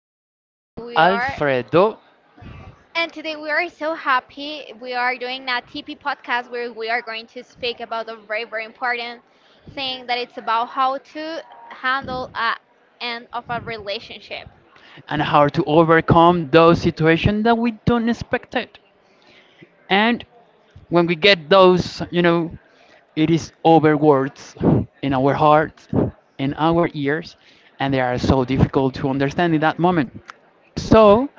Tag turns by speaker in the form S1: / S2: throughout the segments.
S1: and we are
S2: Alfredo,
S1: And today we are so happy. We are doing a TP podcast where we are going to speak about a very important thing that it's about how to handle a end of a relationship.
S2: and how to overcome those situations that we don't expect it. And when we get those, it is over words in our hearts, in our ears, and they are so difficult to understand in that moment. So,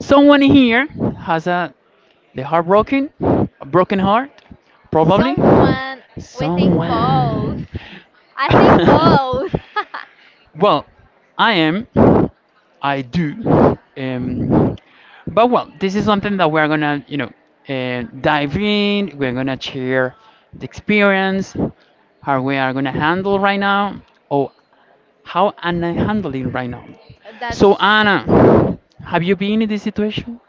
S2: someone here has the heartbroken, a broken heart, probably
S1: Someone, we think both.
S2: someone.
S1: I think both.
S2: Well, I am, I do, but well, this is something that we're gonna dive in. We're gonna share the experience, how we are gonna handle right now, or how am I handling right now. So
S1: That's.
S2: Anna, have you been in this situation?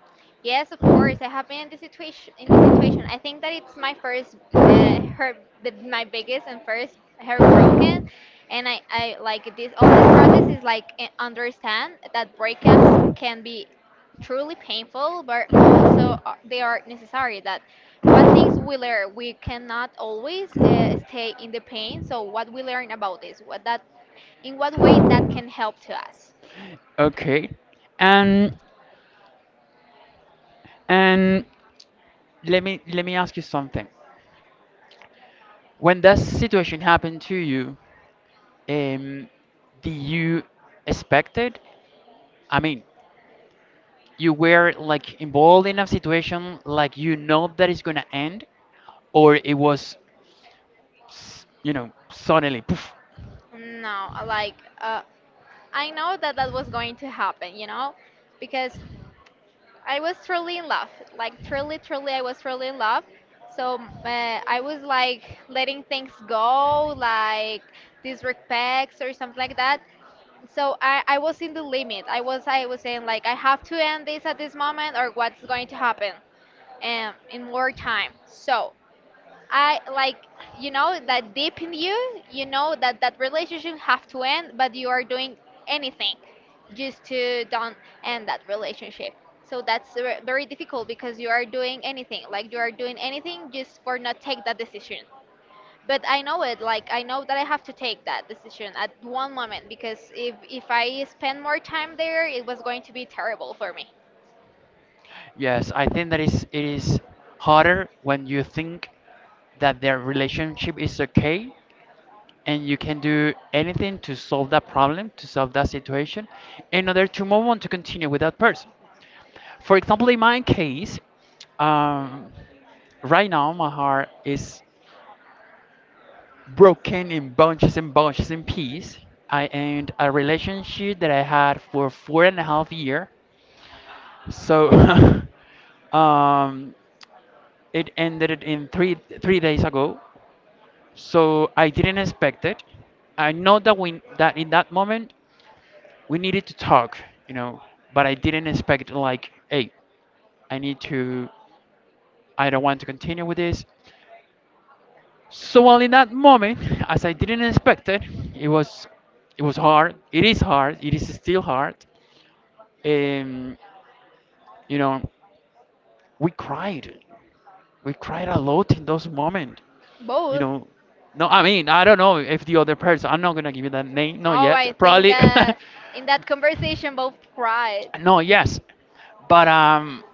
S1: Yes, of course. I have been in this situation. In this situation, I think that it's my first, uh, her, my biggest and first heartbroken, and I like this. All this process is like understand that breakups can be truly painful, but also they are necessary. That what things we learn, we cannot always stay in the pain. So what we learn about this, what that, in what way that can help to us.
S2: Okay, and and let me ask you something. When that situation happened to you, Um, did you expect it? I mean, you were like involved in a situation like you know that it's gonna end, or it was, suddenly poof.
S1: No, like uh, I know that that was going to happen, you know, because I was truly in love. Like, truly, truly, I was truly in love. So I was like letting things go, like disrespects or something like that. So I was in the limit. I was saying like I have to end this at this moment or what's going to happen in more time. So I like you know that deep in you, you know that that relationship have to end, but you are doing anything just to don't end that relationship. So that's very difficult because you are doing anything, like you are doing anything just for not take that decision. But I know it, like I know that I have to take that decision at one moment because if I spend more time there, it was going to be terrible for me.
S2: Yes, I think that is it is harder when you think that their relationship is okay and you can do anything to solve that problem, to solve that situation, in order to move on to continue with that person. For example, in my case, um, right now my heart is broken in bunches and bunches in pieces. I end a relationship that I had for 4.5 year. So um, it ended in three days ago. So I didn't expect it. I know that we that in that moment we needed to talk, you know, but I didn't expect like, hey, I need to, I don't want to continue with this. So well, in that moment, as I didn't expect it, it was it was hard. It is hard. It is still hard. Um, you know, we cried. We cried a lot in those moments. You
S1: Both.
S2: know, no, I mean, I don't know if the other person. I'm not gonna give you that name. Not
S1: Oh, I
S2: yet.
S1: think
S2: Probably.
S1: that in that conversation both cried.
S2: No. Yes. But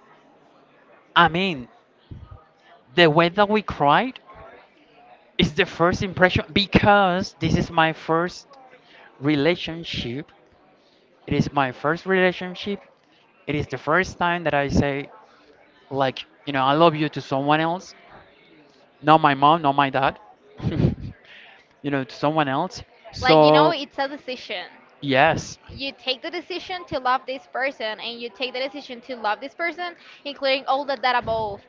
S2: I mean, the way that we cried is the first impression because this is my first relationship. It is my first relationship. It is the first time that I say, like, I love you to someone else, not my mom, not my dad, to someone else.
S1: Like, you know,
S2: So,
S1: it's a decision.
S2: yes,
S1: You take the decision to love this person, and you take the decision to love this person, including all that that above.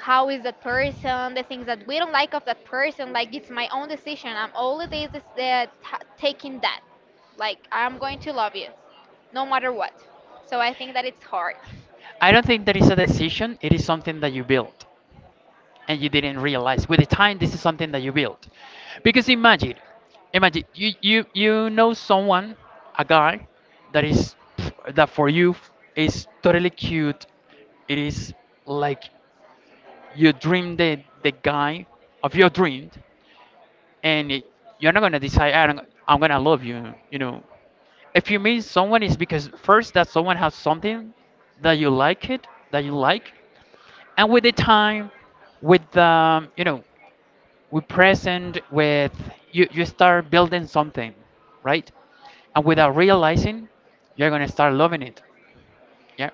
S1: How is that person? The things that we don't like of that person. Like, it's my own decision. I'm all it is that taking that. Like, I'm going to love you, no matter what. So I think that it's hard,
S2: I don't think that is a decision. It is something that you build and you didn't realize. With the time, this is something that you build. Because imagine, imagine you know someone, a guy, that is that for you is totally cute. It is like you dream the guy of your dream, and it, you're not gonna decide I don't, I'm gonna love you. If you meet someone, it's because first that someone has something that you like, and with the time, with with present, with you start building something, right? And without realizing, you're gonna start loving it. Yeah,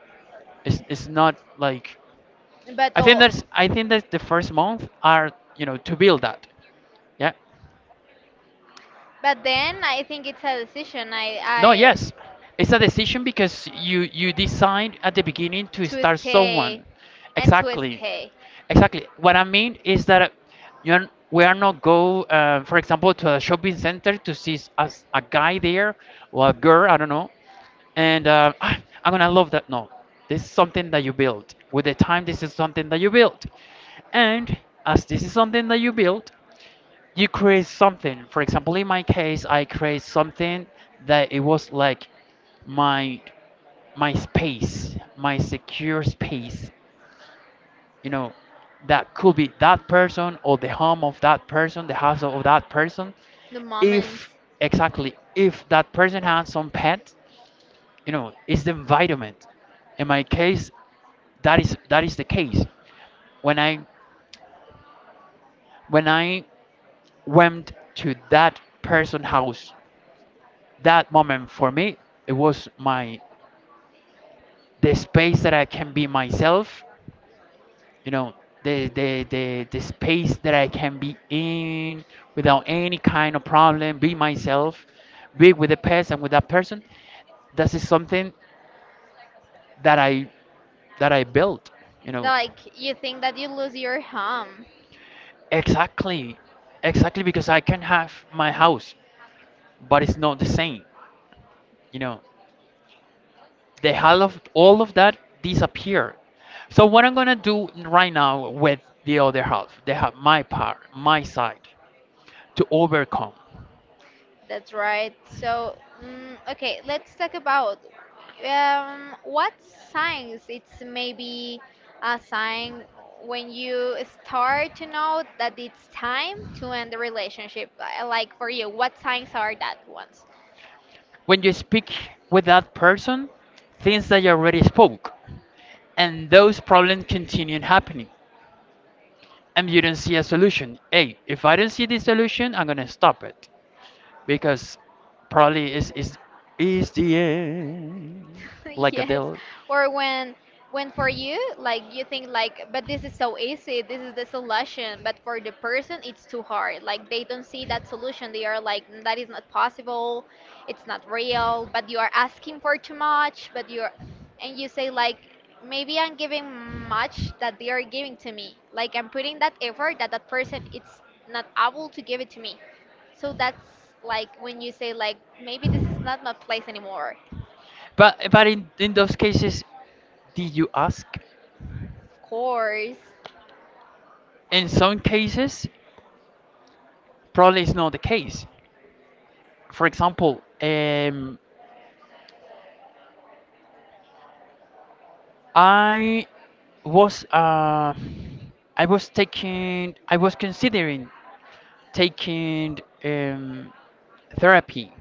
S2: it's not like
S1: but oh,
S2: I think that the first month are to build that. Yeah.
S1: but then I think it's a decision.
S2: No.
S1: I
S2: Yes. It's a decision because you decide at the beginning to
S1: to
S2: start
S1: stay
S2: someone.
S1: and to
S2: Exactly.
S1: stay
S2: Exactly. What I mean is that you are we are not go for example, to a shopping center to see as a guy there or a girl, I don't know, and "Ah, I'm gonna love that." No, this is something that you build with the time. This is something that you build, and as this is something that you build, you create something. For example, in my case, I create something that it was like my my secure space. You know, that could be that person or the home of that person, the house of that person.
S1: the moments.
S2: If Exactly, if that person has some pet, it's the environment. In my case, that is the case. When I when I went to that person house, that moment for me, it was my the space that I can be myself. you know the space that I can be in without any kind of problem, be myself, be with the past and with that person. This is something that i that I built, you know
S1: Like you think that you lose your home.
S2: Exactly, exactly, because I can have my house, but it's not the same, you know the all of that disappear. So what I'm gonna do right now with the other half, they have my part, my side, to overcome.
S1: That's right. So, mm, okay, let's talk about what signs it's maybe a sign when you start to know that it's time to end the relationship. Like for you, what signs are that ones?
S2: When you speak with that person, things that you already spoke, and those problems continue happening, and you don't see a solution. Hey, if I don't see the solution, I'm gonna stop it because probably is the end, like a
S1: Yes.
S2: deal.
S1: Or when for you, like you think like, but this is so easy, this is the solution, but for the person it's too hard. Like they don't see that solution. They are like, "Mm, that is not possible, it's not real, but you are asking for too much, but you're" and you say like maybe I'm giving much that they are giving to me. Like I'm putting that effort that that person it's not able to give it to me. So that's like when you say like maybe this is not my place anymore.
S2: But in those cases, did you ask?
S1: Of course.
S2: In some cases, probably it's not the case. For example, I was uh, I was considering taking um, therapy,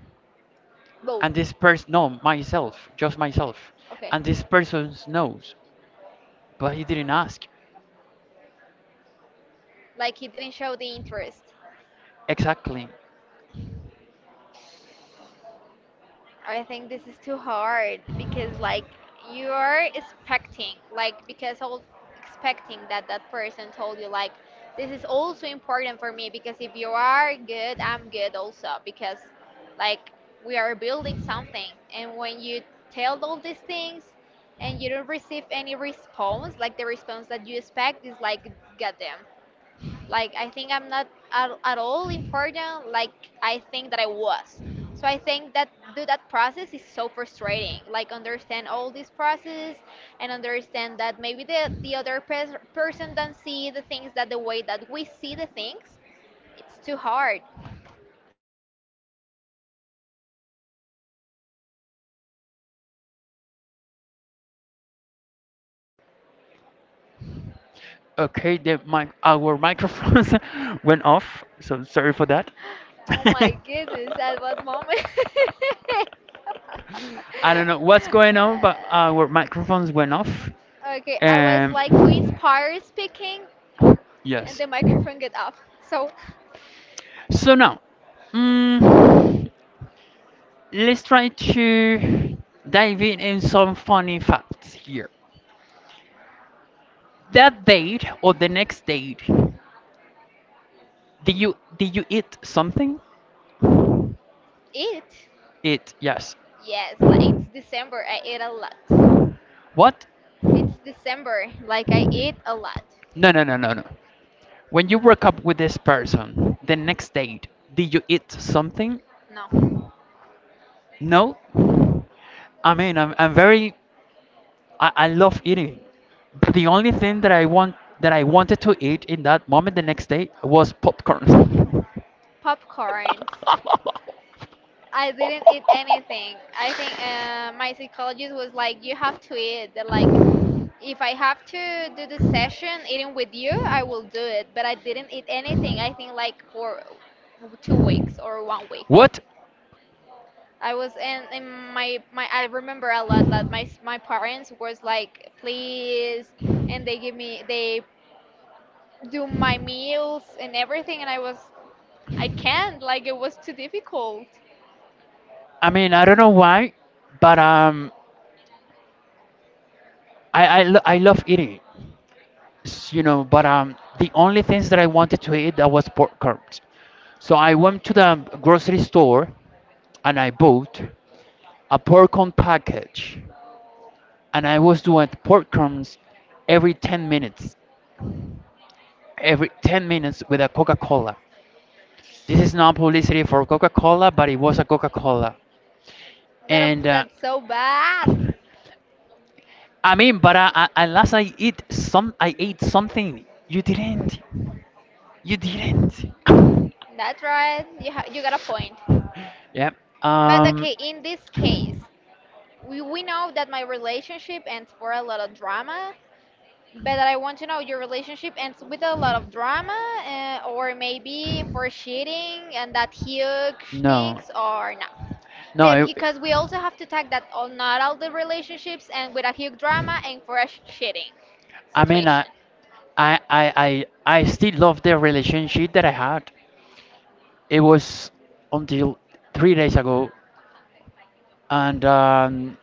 S1: Both.
S2: and this person, no, myself, just myself,
S1: Okay.
S2: and this person knows, but he didn't ask
S1: Like he didn't show the interest.
S2: exactly.
S1: I think this is too hard because like you are expecting like because all expecting that that person told you like this is also important for me because if you are good I'm good also because like we are building something and when you tell all these things and you don't receive any response like the response that you expect is like goddamn. Like I think I'm not at all important like I think that I was. So I think that do that process is so frustrating. Like understand all this process and understand that maybe the other person don't see the things that the way that we see the things. It's too hard.
S2: Okay, the mic our microphones went off, so sorry for that.
S1: Oh my goodness, at what moment?
S2: I don't know what's going on, but our microphones went off.
S1: Okay, I was
S2: Um,
S1: like to inspire speaking and
S2: yes.
S1: the microphone get off. So,
S2: So now, mm, let's try to dive in some funny facts here. That date or the next date, did you eat something?
S1: it.
S2: It, yes.
S1: Yes, like it's December. I eat a lot.
S2: What?
S1: It's December. Like I eat a lot.
S2: No, no, no, no, no. When you broke up with this person, the next date, did you eat something?
S1: No,
S2: No. I mean, I love eating. But the only thing that I wanted to eat in that moment, the next day, was popcorn.
S1: popcorns. I didn't eat anything. I think my psychologist was like, you have to eat. They're like, if I have to do the session eating with you, I will do it. But I didn't eat anything. I think like for 2 weeks or 1 week.
S2: What?
S1: I was in, my I remember a lot that my my parents was like please, and they give me they do my meals and everything, and I was I can't, like it was too difficult.
S2: I mean, I don't know why, but I love eating. But the only things that I wanted to eat, that was popcorn. So I went to the grocery store, and I bought a popcorn package, and I was doing popcorns every 10 minutes, every 10 minutes, with a Coca Cola. This is not publicity for Coca Cola, but it was a Coca Cola.
S1: That
S2: And
S1: that's so bad.
S2: I mean, but unless I eat some, I ate something. You didn't. You didn't.
S1: That's right. You you got a point.
S2: Yeah.
S1: But
S2: Um.
S1: okay, in this case, we know that my relationship ends for a lot of drama, but I want to know your relationship ends with a lot of drama, or maybe for cheating and that huge things,
S2: No.
S1: or not.
S2: No.
S1: Yeah, because we also have to tag that all not all the relationships and with a huge drama and for a shitting
S2: I mean,
S1: situation.
S2: I, I, I, I still love the relationship that I had. It was until 3 days ago, and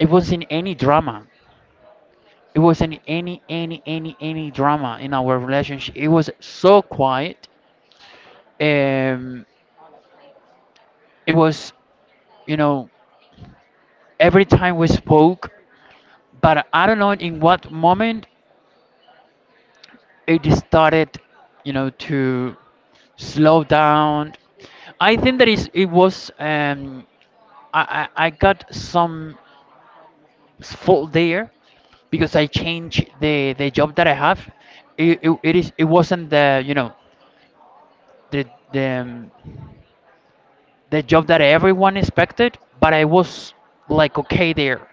S2: it wasn't any drama. It wasn't any drama in our relationship. It was so quiet. Um, it was, you know, every time we spoke, but I don't know in what moment it started, to slow down. I think that is it was I got some fault there because I changed the job that I have. It wasn't the the the um, job that everyone expected, but I was like okay there.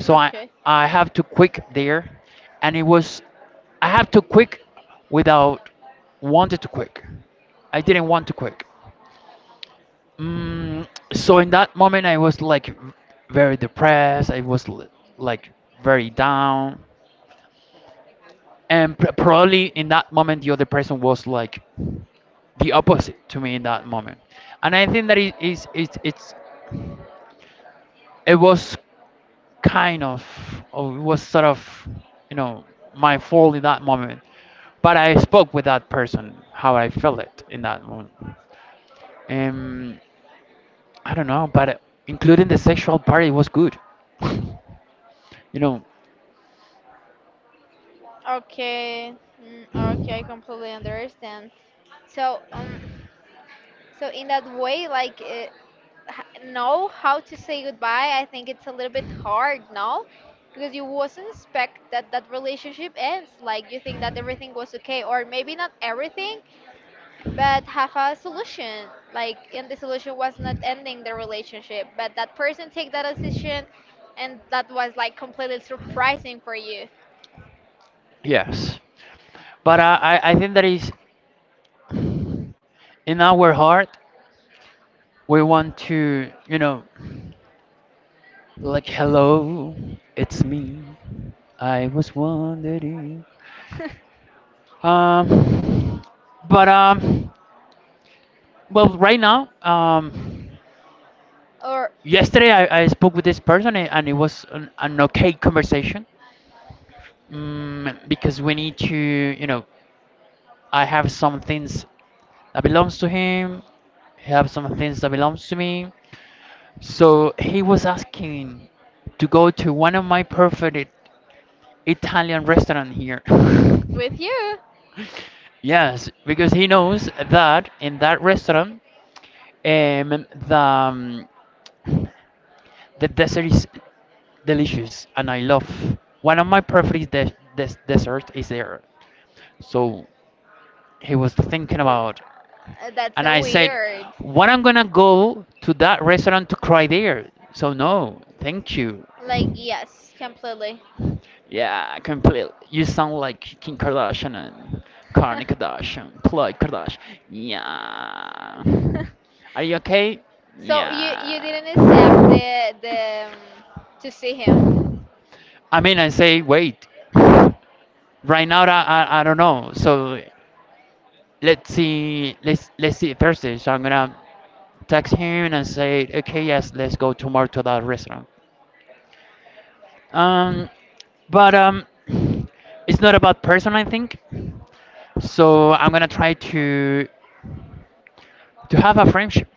S2: So I
S1: Okay.
S2: I have to quit there, and it was I have to quit without wanted to quit. I didn't want to quit. Mm, so in that moment, I was like very depressed. I was like very down, and probably in that moment, the other person was like the opposite to me in that moment. And I think that it was kind of, or it was sort of, you know, my fault in that moment. But I spoke with that person how I felt it in that moment. um I don't know, but including the sexual part, it was good. you know
S1: Okay. Mm, okay, I completely understand. So so in that way, like know how to say goodbye. I think it's a little bit hard, no, because you wasn't expect that that relationship ends. Like you think that everything was okay, or maybe not everything, but have a solution like and the solution was not ending the relationship but that person take that decision and that was like completely surprising for you.
S2: yes, but I think that is, in our heart, we want to, like, hello, it's me, I was wondering. Um but Well, right now,
S1: Or
S2: yesterday, I spoke with this person, and it was an okay conversation, because we need to, I have some things that belongs to him. He have some things that belongs to me. So he was asking to go to one of my perfect Italian restaurant here.
S1: with you.
S2: Yes, because he knows that in that restaurant, the dessert is delicious, and I love one of my preferred dessert is there. So he was thinking about,
S1: Uh, that's
S2: and
S1: so
S2: I said,
S1: weird.
S2: "What, I'm gonna go to that restaurant to cry there?" So no, thank you.
S1: Like yes completely.
S2: Yeah, completely. You sound like Kim Kardashian and Kourtney Kardashian, Khloe Kardashian. Yeah. Are you okay?
S1: So you
S2: Yeah.
S1: didn't accept the to see him.
S2: I mean, I say wait. Right now, I don't know. So let's see. Let's see Thursday. So I'm gonna text him and say, okay, yes, let's go tomorrow to that restaurant. Um, but it's not about person, I think. So I'm gonna try to have a friendship.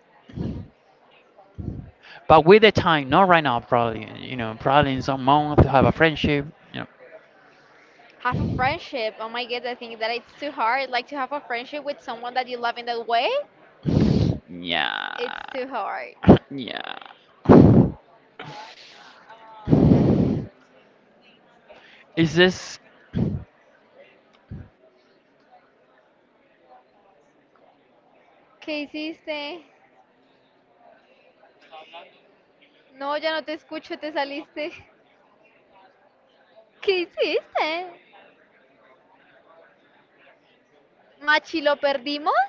S2: But with the time, not right now, probably, probably in some month to have a friendship, you know.
S1: Have a friendship, oh my god, I think that it's too hard like to have a friendship with someone that you love in that way. It's
S2: Yeah.
S1: too hard. ¿Qué hiciste? No, ya no te escucho, te saliste. ¿Qué hiciste? ¿Machi lo perdimos?